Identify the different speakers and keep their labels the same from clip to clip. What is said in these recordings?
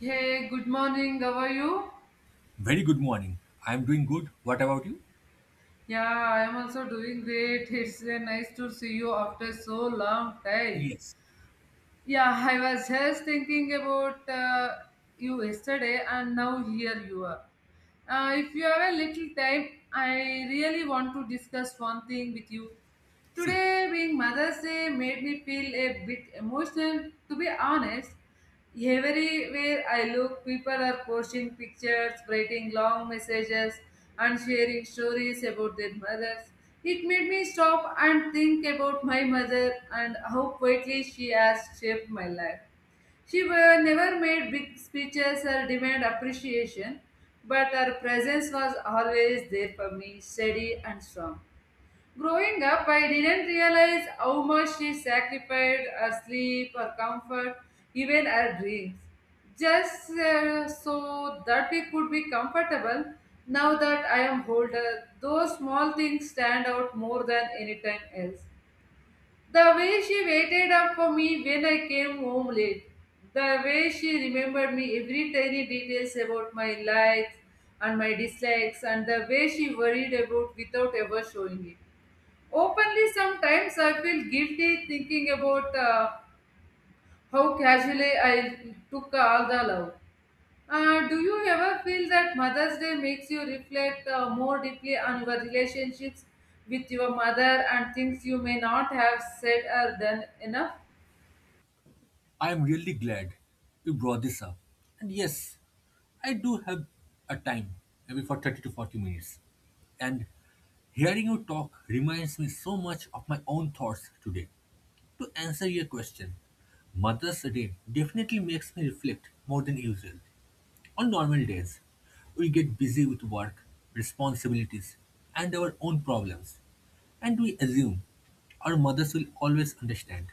Speaker 1: Hey, good morning. How are you?
Speaker 2: Very good morning. I'm doing good. What about you?
Speaker 1: Yeah, I am also doing great. It's nice to see you after so long time.
Speaker 2: Yes.
Speaker 1: Yeah, I was just thinking about you yesterday, and now here you are. If you have a little time, I really want to discuss one thing with you.
Speaker 2: See you.
Speaker 1: Today, being Mother's Day made me feel a bit emotional, to be honest. Everywhere I look, people are posting pictures, writing long messages, and sharing stories about their mothers. It made me stop and think about my mother and how quietly she has shaped my life. She were, never made big speeches or demand appreciation, but her presence was always there for me, steady and strong. Growing up, I didn't realize how much she sacrificed her sleep, her comfort, even her dreams, just so that we could be comfortable. Now that I am older, those small things stand out more than any time else. The way she waited up for me when I came home late, the way she remembered me every tiny details about my likes and my dislikes, and the way she worried about without ever showing it. Openly, sometimes I feel guilty thinking about how casually I took all the love. Do you ever feel that Mother's Day makes you reflect more deeply on your relationships with your mother and things you may not have said or done enough?
Speaker 2: I am really glad you brought this up. And yes, I do have a time, maybe for 30 to 40 minutes. And hearing you talk reminds me so much of my own thoughts today. To answer your question, Mother's Day definitely makes me reflect more than usual. On normal days, we get busy with work, responsibilities, and our own problems, and we assume our mothers will always understand.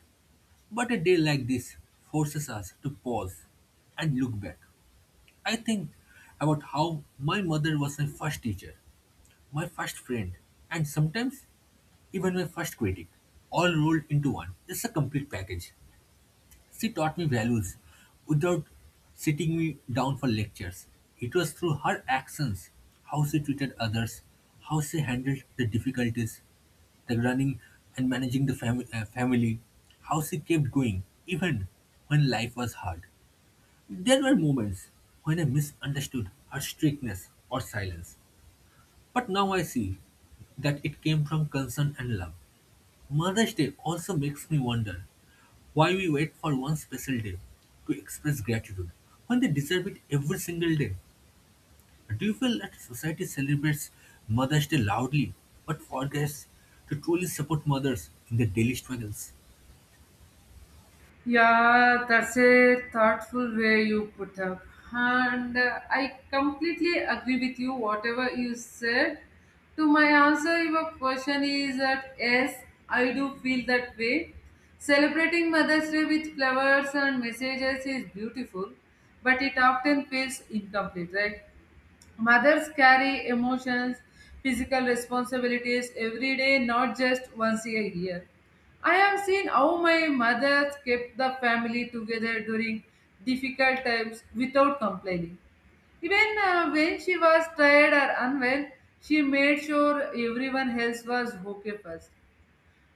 Speaker 2: But a day like this forces us to pause and look back. I think about how my mother was my first teacher, my first friend, and sometimes even my first critic, all rolled into one. It's a complete package. She taught me values without sitting me down for lectures. It was through her actions, how she treated others, how she handled the difficulties, the running and managing the family, how she kept going even when life was hard. There were moments when I misunderstood her strictness or silence, but now I see that it came from concern and love. Mother's Day also makes me wonder why we wait for one special day to express gratitude when they deserve it every single day. Do you feel that society celebrates Mother's Day loudly but forgets to truly support mothers in their daily struggles?
Speaker 1: Yeah, that's a thoughtful way you put up. And I completely agree with you, whatever you said. To my answer, your question is that yes, I do feel that way. Celebrating Mother's Day with flowers and messages is beautiful, but it often feels incomplete, right? Mothers carry emotions, physical responsibilities every day, not just once a year. I have seen how my mother kept the family together during difficult times without complaining. Even when she was tired or unwell, she made sure everyone else was okay first.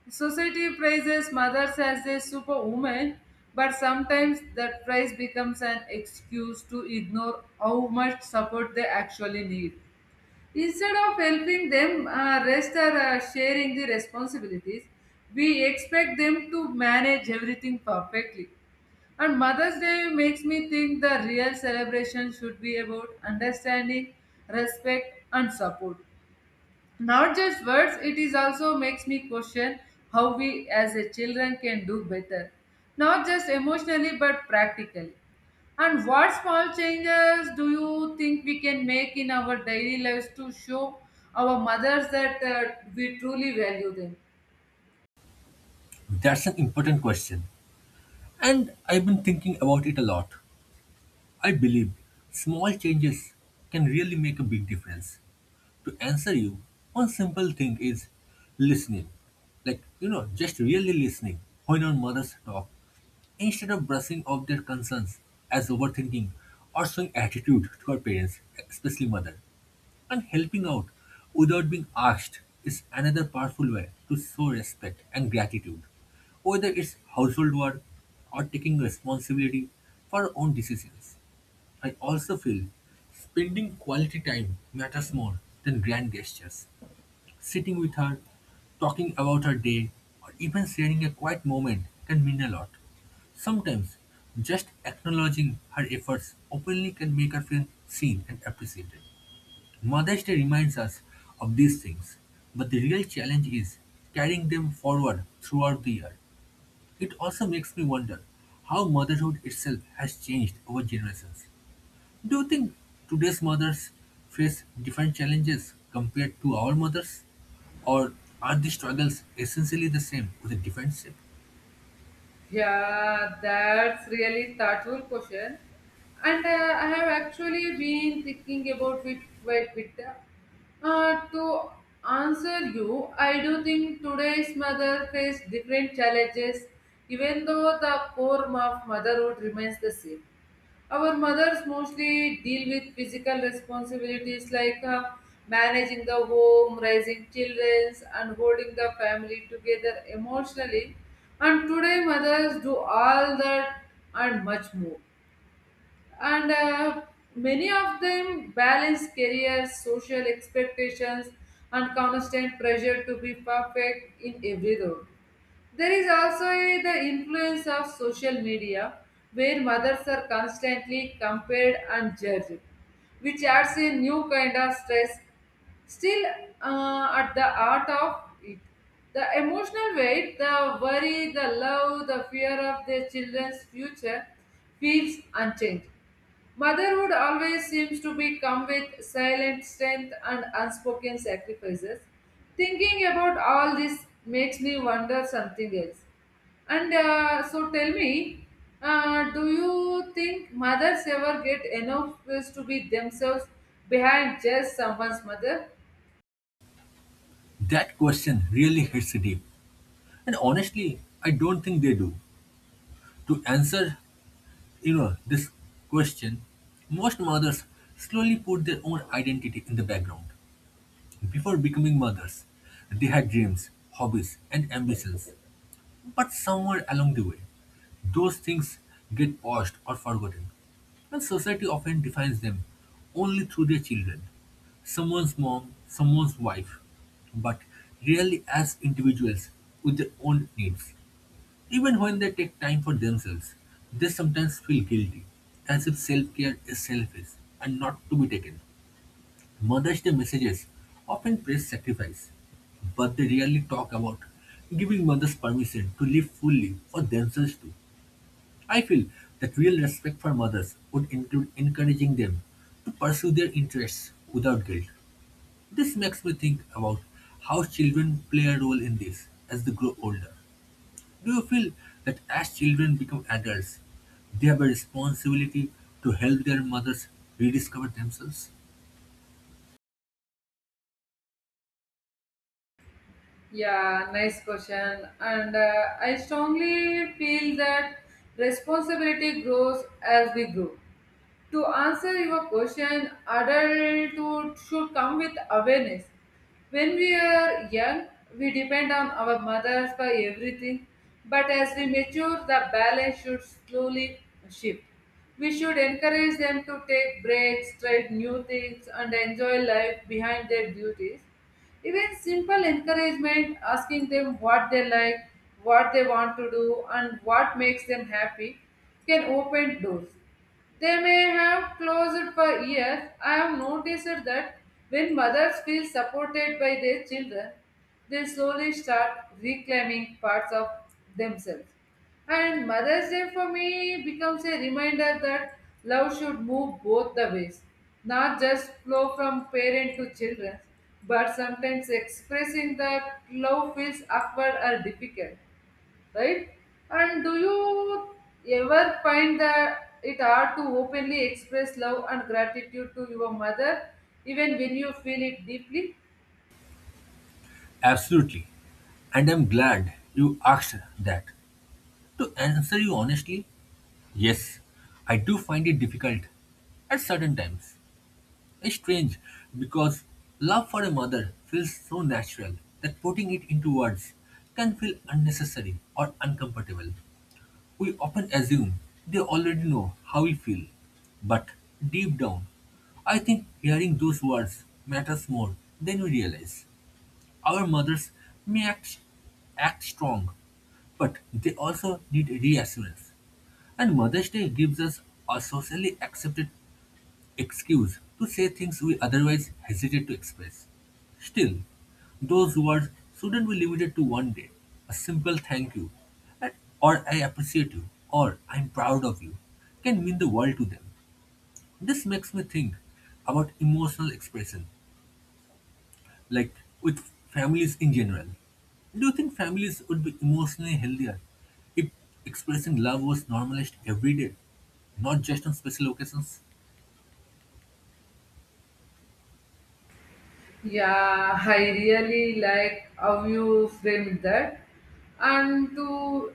Speaker 1: Society praises mothers as a superwoman, but sometimes that praise becomes an excuse to ignore how much support they actually need. Instead of helping them rest or sharing the responsibilities, we expect them to manage everything perfectly. And Mother's Day makes me think the real celebration should be about understanding, respect, and support, not just words. It is also makes me question how we as a children can do better, not just emotionally but practically, and what small changes do you think we can make in our daily lives to show our mothers that we truly value them.
Speaker 2: That's an important question, and I've been thinking about it a lot. I believe small changes can really make a big difference. To answer you, one simple thing is listening. Like, you know, just really listening when our mothers talk, instead of brushing off their concerns as overthinking or showing attitude to our parents, especially mother. And helping out without being asked is another powerful way to show respect and gratitude. Whether it's household work or taking responsibility for our own decisions. I also feel spending quality time matters more than grand gestures. Sitting with her, talking about her day, or even sharing a quiet moment can mean a lot. Sometimes, just acknowledging her efforts openly can make her feel seen and appreciated. Mother's Day reminds us of these things, but the real challenge is carrying them forward throughout the year. It also makes me wonder how motherhood itself has changed over generations. Do you think today's mothers face different challenges compared to our mothers? Or are the struggles essentially the same with a different shape?
Speaker 1: Yeah, that's really thoughtful question. And I have actually been thinking about it quite a bit. To answer you, I do think today's mother face different challenges, even though the core of motherhood remains the same. Our mothers mostly deal with physical responsibilities like managing the home, raising children, and holding the family together emotionally. And today, mothers do all that and much more. And many of them balance careers, social expectations, and constant pressure to be perfect in every role. There is also the influence of social media where mothers are constantly compared and judged, which adds a new kind of stress. Still, at the heart of it, the emotional weight, the worry, the love, the fear of their children's future feels unchanged. Motherhood always seems to be come with silent strength and unspoken sacrifices. Thinking about all this makes me wonder something else. And so tell me, do you think mothers ever get enough space to be themselves behind just someone's mother?
Speaker 2: That question really hits deep. And honestly, I don't think they do. To answer, this question, most mothers slowly put their own identity in the background. Before becoming mothers, they had dreams, hobbies, and ambitions. But somewhere along the way, those things get paused or forgotten, and society often defines them only through their children someone's mom, someone's wife, but rarely as individuals with their own needs. Even when they take time for themselves, they sometimes feel guilty, as if self care is selfish and not to be taken. Mother's Day messages often praise sacrifice, but they rarely talk about giving mothers permission to live fully for themselves too. I feel that real respect for mothers would include encouraging them to pursue their interests without guilt. This makes me think about how children play a role in this as they grow older. Do you feel that as children become adults, they have a responsibility to help their mothers rediscover themselves?
Speaker 1: Yeah, nice question. And I strongly feel that responsibility grows as we grow. To answer your question, adulthood should come with awareness. When we are young, we depend on our mothers for everything, but as we mature, the balance should slowly shift. We should encourage them to take breaks, try new things, and enjoy life behind their duties. Even simple encouragement, asking them what they like, what they want to do, and what makes them happy, can open doors. They may have closed for years. I have noticed that when mothers feel supported by their children, they slowly start reclaiming parts of themselves. And Mother's Day for me becomes a reminder that love should move both the ways, not just flow from parent to children, but sometimes expressing that love feels awkward or difficult, right? And do you ever find that it hard to openly express love and gratitude to your mother, even when you feel it deeply?
Speaker 2: Absolutely. And I'm glad you asked that. To answer you honestly, yes, I do find it difficult at certain times. It's strange because love for a mother feels so natural that putting it into words can feel unnecessary or uncomfortable. We often assume they already know how we feel, but deep down, I think hearing those words matters more than we realize. Our mothers may act strong, but they also need reassurance. And Mother's Day gives us a socially accepted excuse to say things we otherwise hesitate to express. Still, those words shouldn't be limited to one day. A simple thank you, and- or I appreciate you, or I'm proud of you, can mean the world to them. This makes me think about emotional expression like with families in general. Do you think families would be emotionally healthier if expressing love was normalized every day, not just on special occasions?
Speaker 1: Yeah, I really like how you framed that. And to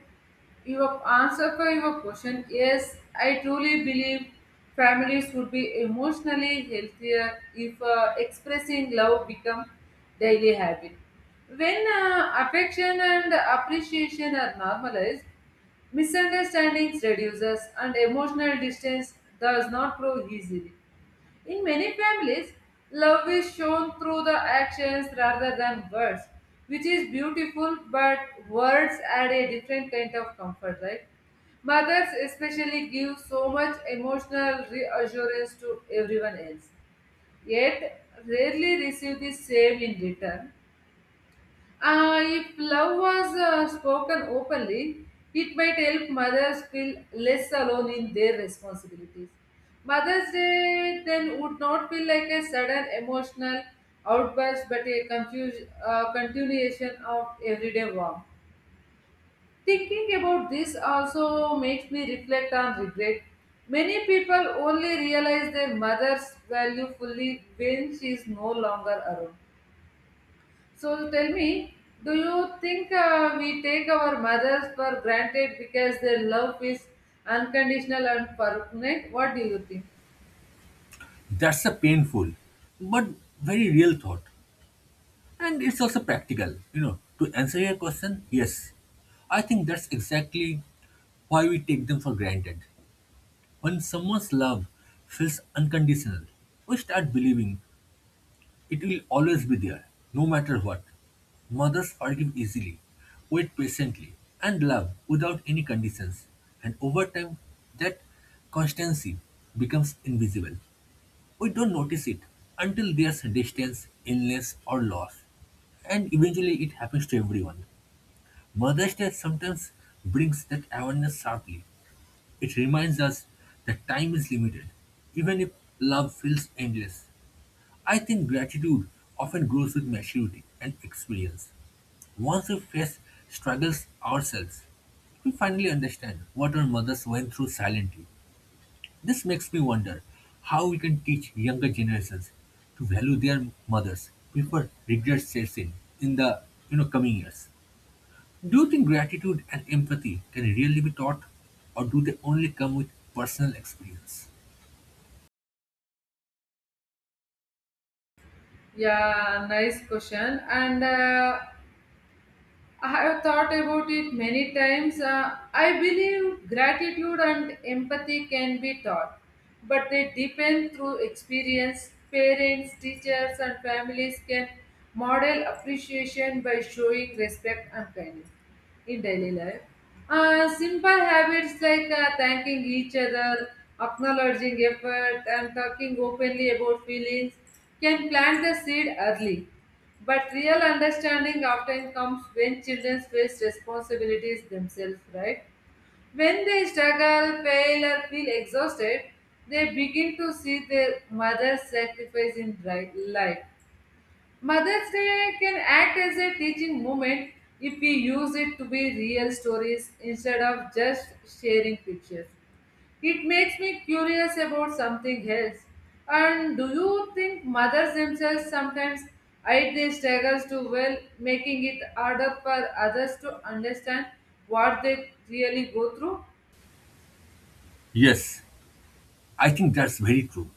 Speaker 1: your answer for your question, yes, I truly believe families would be emotionally healthier if expressing love become daily habit. When affection and appreciation are normalized, misunderstandings reduces and emotional distance does not grow easily. In many families, love is shown through the actions rather than words, which is beautiful, but words add a different kind of comfort, right? Mothers especially give so much emotional reassurance to everyone else, yet rarely receive the same in return. If love was spoken openly, it might help mothers feel less alone in their responsibilities. Mother's Day then would not feel like a sudden emotional outburst but a confused continuation of everyday warmth. Thinking about this also makes me reflect on regret. Many people only realize their mother's value fully when she is no longer around. So tell me, do you think we take our mothers for granted because their love is unconditional and permanent? What do you think?
Speaker 2: That's a painful but very real thought, and it's also practical. You know, to answer your question, yes, I think that's exactly why we take them for granted. When someone's love feels unconditional, we start believing it will always be there, no matter what. Mothers forgive easily, wait patiently, and love without any conditions. And over time, that constancy becomes invisible. We don't notice it until there's distance, illness, or loss. And eventually, it happens to everyone. Mother's Day sometimes brings that awareness sharply. It reminds us that time is limited, even if love feels endless. I think gratitude often grows with maturity and experience. Once we face struggles ourselves, we finally understand what our mothers went through silently. This makes me wonder how we can teach younger generations to value their mothers before regret sets in the coming years. Do you think gratitude and empathy can really be taught, or do they only come with personal experience?
Speaker 1: Yeah, nice question. And I have thought about it many times. I believe gratitude and empathy can be taught, but they depend through experience. Parents, teachers, and families can model appreciation by showing respect and kindness in daily life. Simple habits like thanking each other, acknowledging effort, and talking openly about feelings can plant the seed early. But real understanding often comes when children face responsibilities themselves, right? When they struggle, fail, or feel exhausted, they begin to see their mother's sacrifice in life. Mother's Day can act as a teaching moment if we use it to be real stories instead of just sharing pictures. It makes me curious about something else. And do you think mothers themselves sometimes hide their struggles too well, making it harder for others to understand what they really go through?
Speaker 2: Yes, I think that's very true.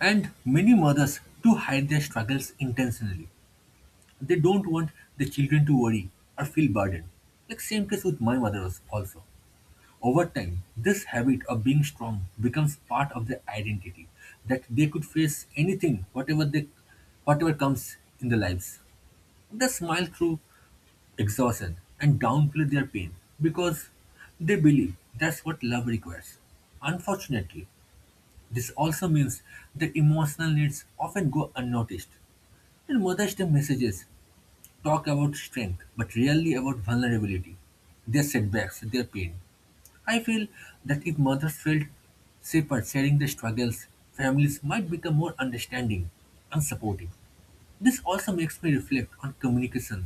Speaker 2: And many mothers do hide their struggles intentionally. They don't want the children to worry or feel burdened. Like same case with my mother also. Over time, this habit of being strong becomes part of their identity, that they could face anything, whatever comes in their lives. They smile through exhaustion and downplay their pain because they believe that's what love requires. Unfortunately, this also means that emotional needs often go unnoticed. And Mother's Day messages talk about strength but rarely about vulnerability, their setbacks, their pain. I feel that if mothers felt safer sharing their struggles, families might become more understanding and supportive. This also makes me reflect on communication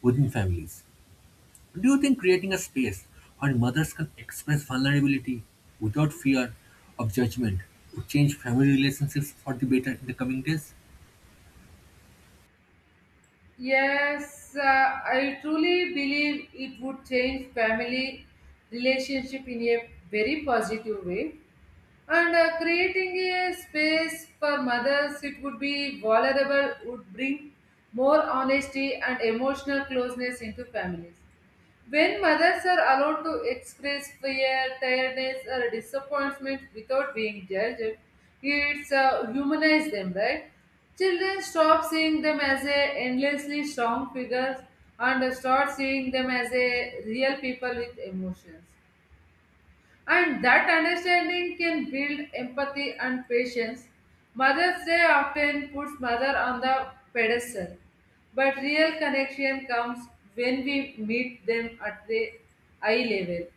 Speaker 2: within families. Do you think creating a space where mothers can express vulnerability without fear of judgment would change family relationships for the better in the coming days?
Speaker 1: Yes, I truly believe it would change family relationship in a very positive way. And creating a space for mothers, it would be vulnerable, would bring more honesty and emotional closeness into families. When mothers are allowed to express fear, tiredness, or disappointment without being judged, it's humanize them, right? Children stop seeing them as a endlessly strong figures and start seeing them as a real people with emotions. And that understanding can build empathy and patience. Mother's Day often puts mother on the pedestal, but real connection comes when we meet them at the eye level.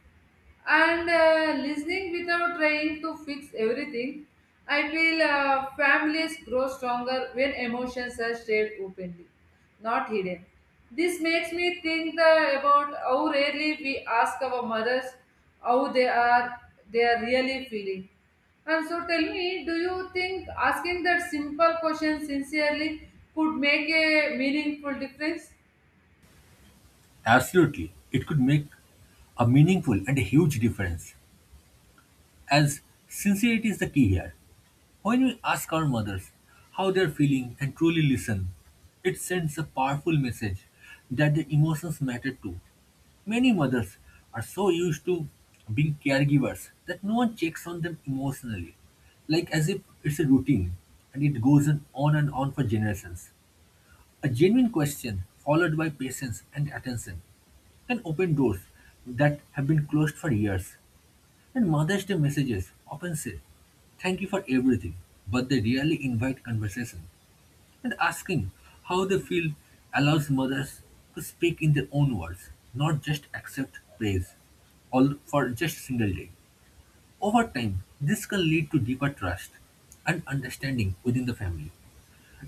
Speaker 1: And listening without trying to fix everything, I feel families grow stronger when emotions are shared openly, not hidden. This makes me think about how rarely we ask our mothers how they are really feeling. And so tell me, do you think asking that simple question sincerely could make a meaningful difference?
Speaker 2: Absolutely. It could make a meaningful and a huge difference, as sincerity is the key here. When we ask our mothers how they're feeling and truly listen, it sends a powerful message that their emotions matter too. Many mothers are so used to being caregivers that no one checks on them emotionally, like as if it's a routine and it goes on and on for generations. A genuine question followed by patience and attention can open doors that have been closed for years. And Mother's Day messages often say, thank you for everything, but they rarely invite conversation. And asking how they feel allows mothers to speak in their own words, not just accept praise all for just single day. Over time, this can lead to deeper trust and understanding within the family.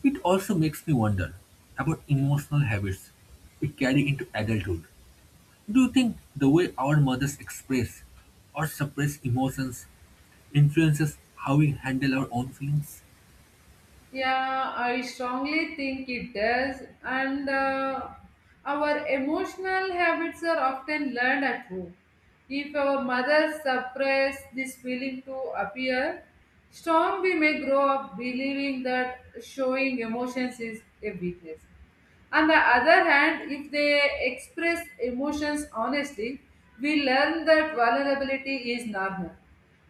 Speaker 2: It also makes me wonder about emotional habits we carry into adulthood. Do you think the way our mothers express or suppress emotions influences how we handle our own feelings?
Speaker 1: Yeah, I strongly think it does. And our emotional habits are often learned at home. If our mothers suppress this feeling to appear strong, we may grow up believing that showing emotions is a weakness. On the other hand, if they express emotions honestly, we learn that vulnerability is normal.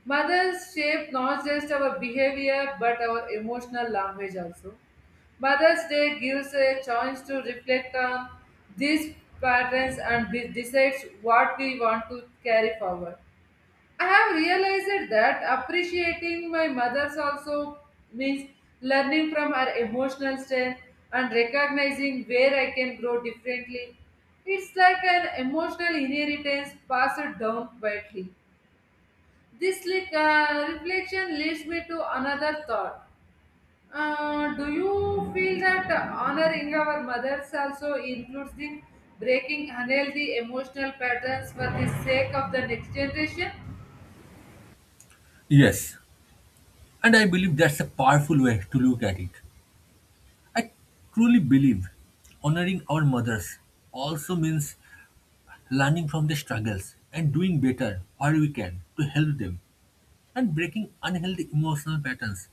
Speaker 1: Mothers shape not just our behavior but our emotional language also. Mother's Day gives a chance to reflect on these patterns and decides what we want to carry forward. I have realized that appreciating my mother's also means learning from her emotional strength and recognizing where I can grow differently. It's like an emotional inheritance passed down quietly. This reflection leads me to another thought. Do you feel that honoring our mothers also includes the breaking unhealthy emotional patterns for the sake of the next generation?
Speaker 2: Yes, and I believe that's a powerful way to look at it. I truly believe honoring our mothers also means learning from their struggles and doing better where we can to help them. And breaking unhealthy emotional patterns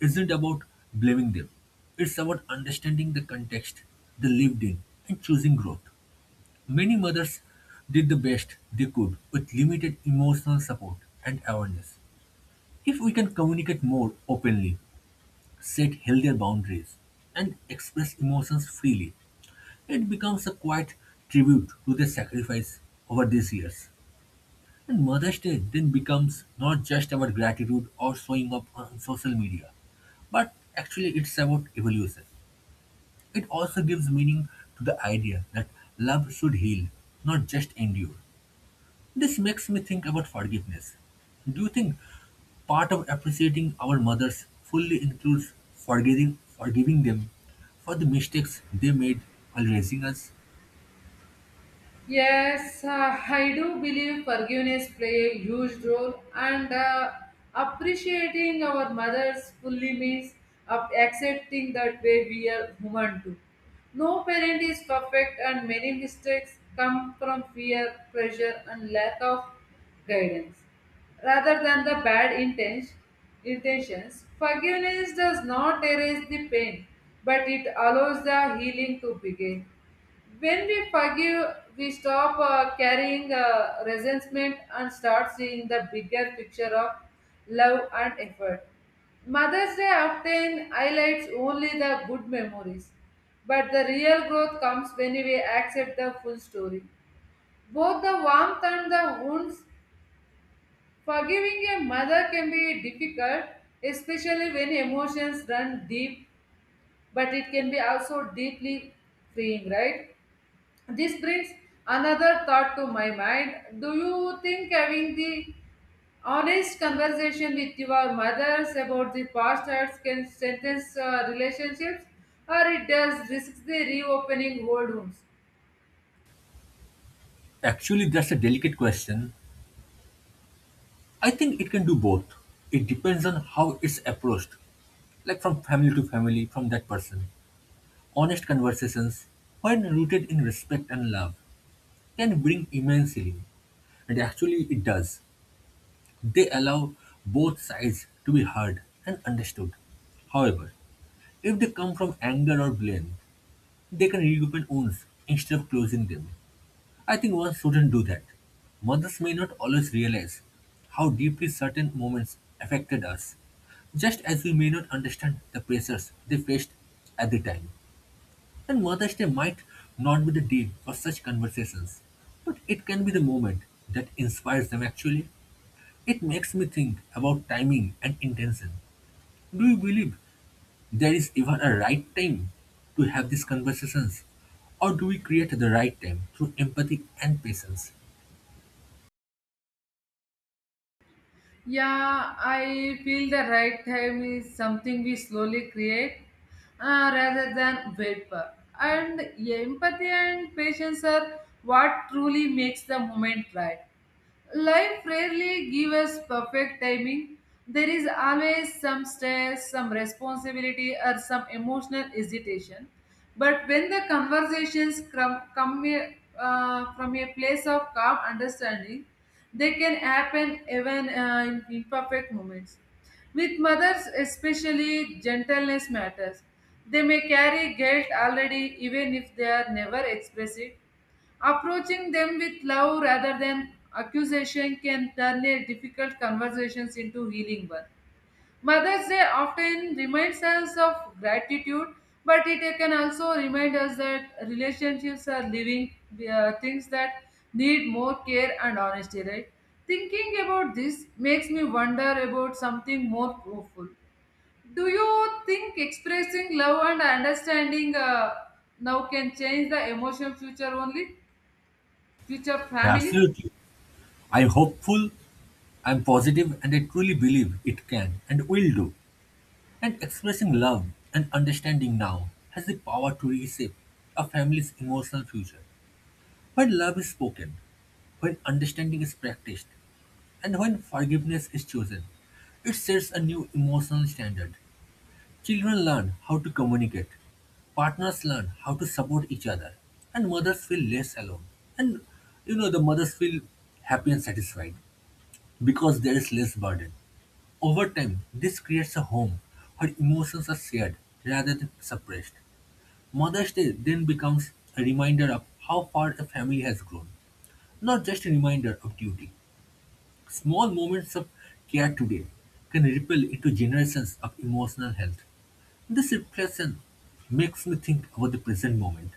Speaker 2: isn't about blaming them, it's about understanding the context they lived in and choosing growth. Many mothers did the best they could with limited emotional support and awareness. If we can communicate more openly, set healthier boundaries, and express emotions freely, it becomes a quiet tribute to their sacrifice over these years. And Mother's Day then becomes not just about gratitude or showing up on social media, but actually it's about evolution. It also gives meaning to the idea that love should heal, not just endure. This makes me think about forgiveness. Do you think part of appreciating our mothers fully includes forgetting forgiving them for the mistakes they made while raising us?
Speaker 1: Yes, I do believe forgiveness play a huge role, and appreciating our mothers fully means up accepting that way we are human too. No parent is perfect, and many mistakes come from fear, pressure, and lack of guidance. Rather than the bad intentions, forgiveness does not erase the pain, but it allows the healing to begin. When we forgive, we stop carrying resentment and start seeing the bigger picture of love and effort. Mother's Day often highlights only the good memories, but the real growth comes when we accept the full story. Both the warmth and the wounds, forgiving a mother can be difficult, especially when emotions run deep, but it can be also deeply freeing, right? This brings another thought to my mind. Do you think having the honest conversation with your mothers about the past hurts can strengthen relationships, or it does risk the reopening old wounds?
Speaker 2: Actually, that's a delicate question. I think it can do both. It depends on how it's approached, like from family to family, from that person. Honest conversations, when rooted in respect and love, can bring immensely. And actually, it does. They allow both sides to be heard and understood. However, if they come from anger or blame, they can reopen wounds instead of closing them. I think one shouldn't do that. Mothers may not always realize how deeply certain moments affected us, just as we may not understand the pressures they faced at the time. And Mother's Day might not be the day for such conversations, but it can be the moment that inspires them actually. It makes me think about timing and intention. Do you believe there is even a right time to have these conversations? Or do we create the right time through empathy and patience?
Speaker 1: Yeah, I feel the right time is something we slowly create rather than wait for. And empathy and patience are what truly makes the moment right. Life rarely gives us perfect timing. There is always some stress, some responsibility, or some emotional hesitation. But when the conversations come from a place of calm understanding, they can happen even in imperfect moments. With mothers, especially, gentleness matters. They may carry guilt already, even if they are never express it. Approaching them with love rather than accusation can turn a difficult conversations into healing one. Mother's Day often reminds us of gratitude, but it can also remind us that relationships are living things that need more care and honesty, right? Thinking about this makes me wonder about something more profound. Do you think expressing love and understanding now can change the emotional future only? Future family.
Speaker 2: Absolutely. I'm hopeful, I'm positive, and I truly believe it can and will do. And expressing love and understanding now has the power to reshape a family's emotional future. When love is spoken, when understanding is practiced, and when forgiveness is chosen, it sets a new emotional standard. Children learn how to communicate, partners learn how to support each other, and mothers feel less alone. And you know, the mothers feel happy and satisfied because there is less burden. Over time, this creates a home where emotions are shared rather than suppressed. Mother's Day then becomes a reminder of how far a family has grown not just a reminder of duty. Small moments of care today can ripple into generations of emotional health. This reflection makes me think about the present moment.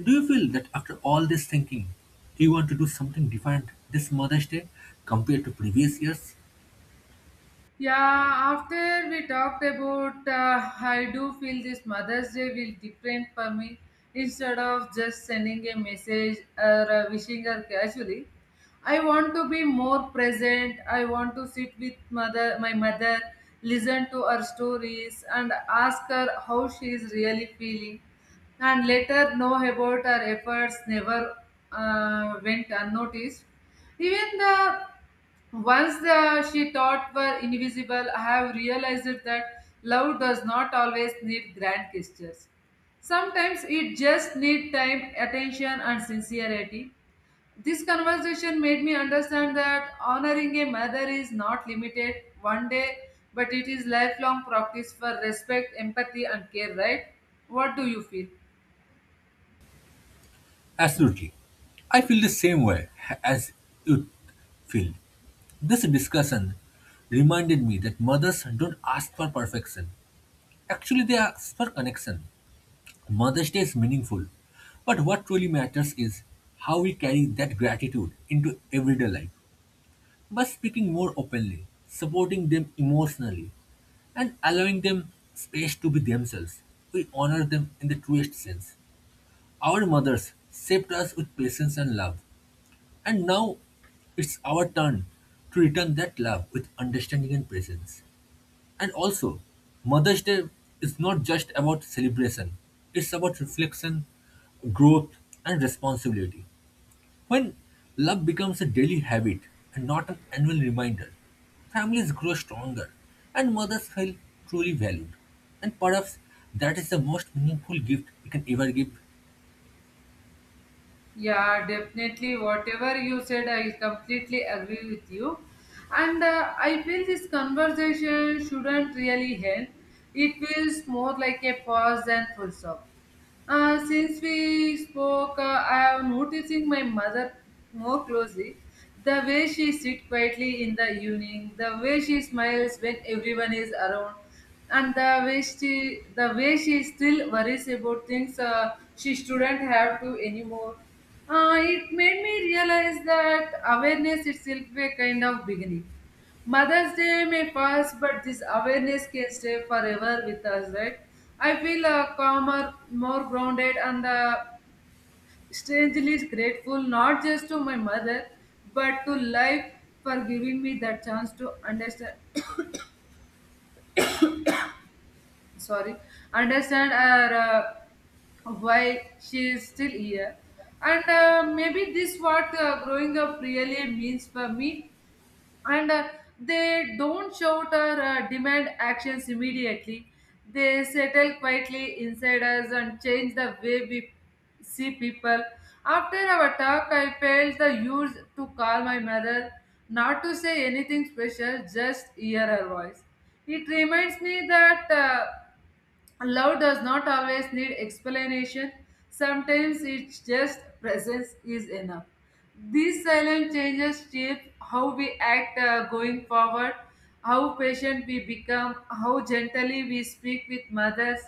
Speaker 2: Do you feel that after all this thinking, you want to do something different this Mother's Day compared to previous years?
Speaker 1: Yeah, after we talked about, I do feel this mother's day will different for me, instead of just sending a message or wishing her casually. I want to be more present. I want to sit with mother my mother, listen to her stories and ask her how she is really feeling, and let her know about her efforts never went unnoticed. Even the once the she thought were invisible, I have realized that love does not always need grand gestures. Sometimes it just needs time, attention, and sincerity. This conversation made me understand that honoring a mother is not limited one day, but it is lifelong practice for respect, empathy, and care. Right? What do you feel?
Speaker 2: Absolutely. I feel the same way as you feel. This discussion reminded me that mothers don't ask for perfection. Actually, they ask for connection. Mother's Day is meaningful, but what truly matters is how we carry that gratitude into everyday life by speaking more openly, supporting them emotionally, and allowing them space to be themselves. We honor them in the truest sense. Our mothers shaped us with patience and love, and now it's our turn to return that love with understanding and presence. And also, Mother's Day is not just about celebration, it's about reflection, growth, and responsibility. When love becomes a daily habit and not an annual reminder, families grow stronger and mothers feel truly valued. And perhaps that is the most meaningful gift you can ever give.
Speaker 1: Yeah, definitely. Whatever you said, I completely agree with you. And I feel this conversation shouldn't really end. It feels more like a pause than full stop. Since we spoke, I am noticing my mother more closely. The way she sits quietly in the evening, the way she smiles when everyone is around, and the way she still worries about things she shouldn't have to anymore. It made me realize that awareness itself a kind of beginning. Mother's Day may pass, but this awareness can stay forever with us, right? I feel calmer, more grounded, and strangely grateful not just to my mother, but to life for giving me that chance to understand. Sorry, understand, why she is still here, and maybe this what growing up really means for me, and they don't shout or demand actions immediately. They settle quietly inside us and change the way we see people. After our talk, I felt the urge to call my mother, not to say anything special, just hear her voice. It reminds me that love does not always need explanation. Sometimes it's just presence is enough. These silent changes shape how we act going forward, how patient we become, how gently we speak with mothers.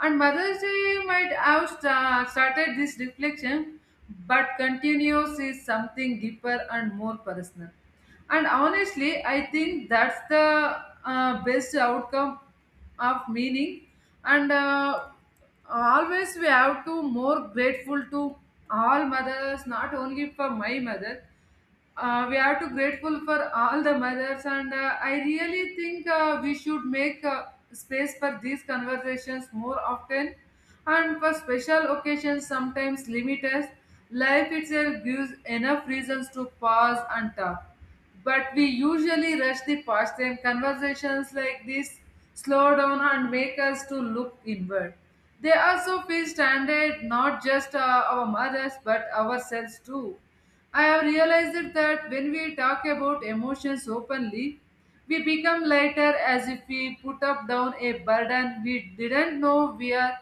Speaker 1: And Mother's Day might have started this reflection, but continues is something deeper and more personal. And honestly, I think that's the best outcome of meaning. And always we have to more grateful to all mothers, not only for my mother. We have to grateful for all the mothers, and I really think we should make space for these conversations more often, and for special occasions sometimes limit us. Life itself gives enough reasons to pause and talk. But we usually rush the past. Pastime. Conversations like this slow down and make us to look inward. They also feel standard, not just our mothers, but ourselves too. I have realized that when we talk about emotions openly, we become lighter as if we put up down a burden we didn't know we are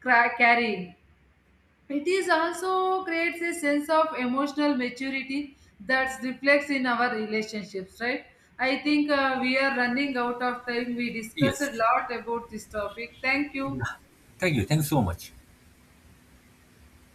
Speaker 1: carrying. It is also creates a sense of emotional maturity that reflects in our relationships, right? I think we are running out of time. We discussed a
Speaker 2: Yes.
Speaker 1: lot about this topic. Thank you.
Speaker 2: Yeah. Thank you. Thank you so much.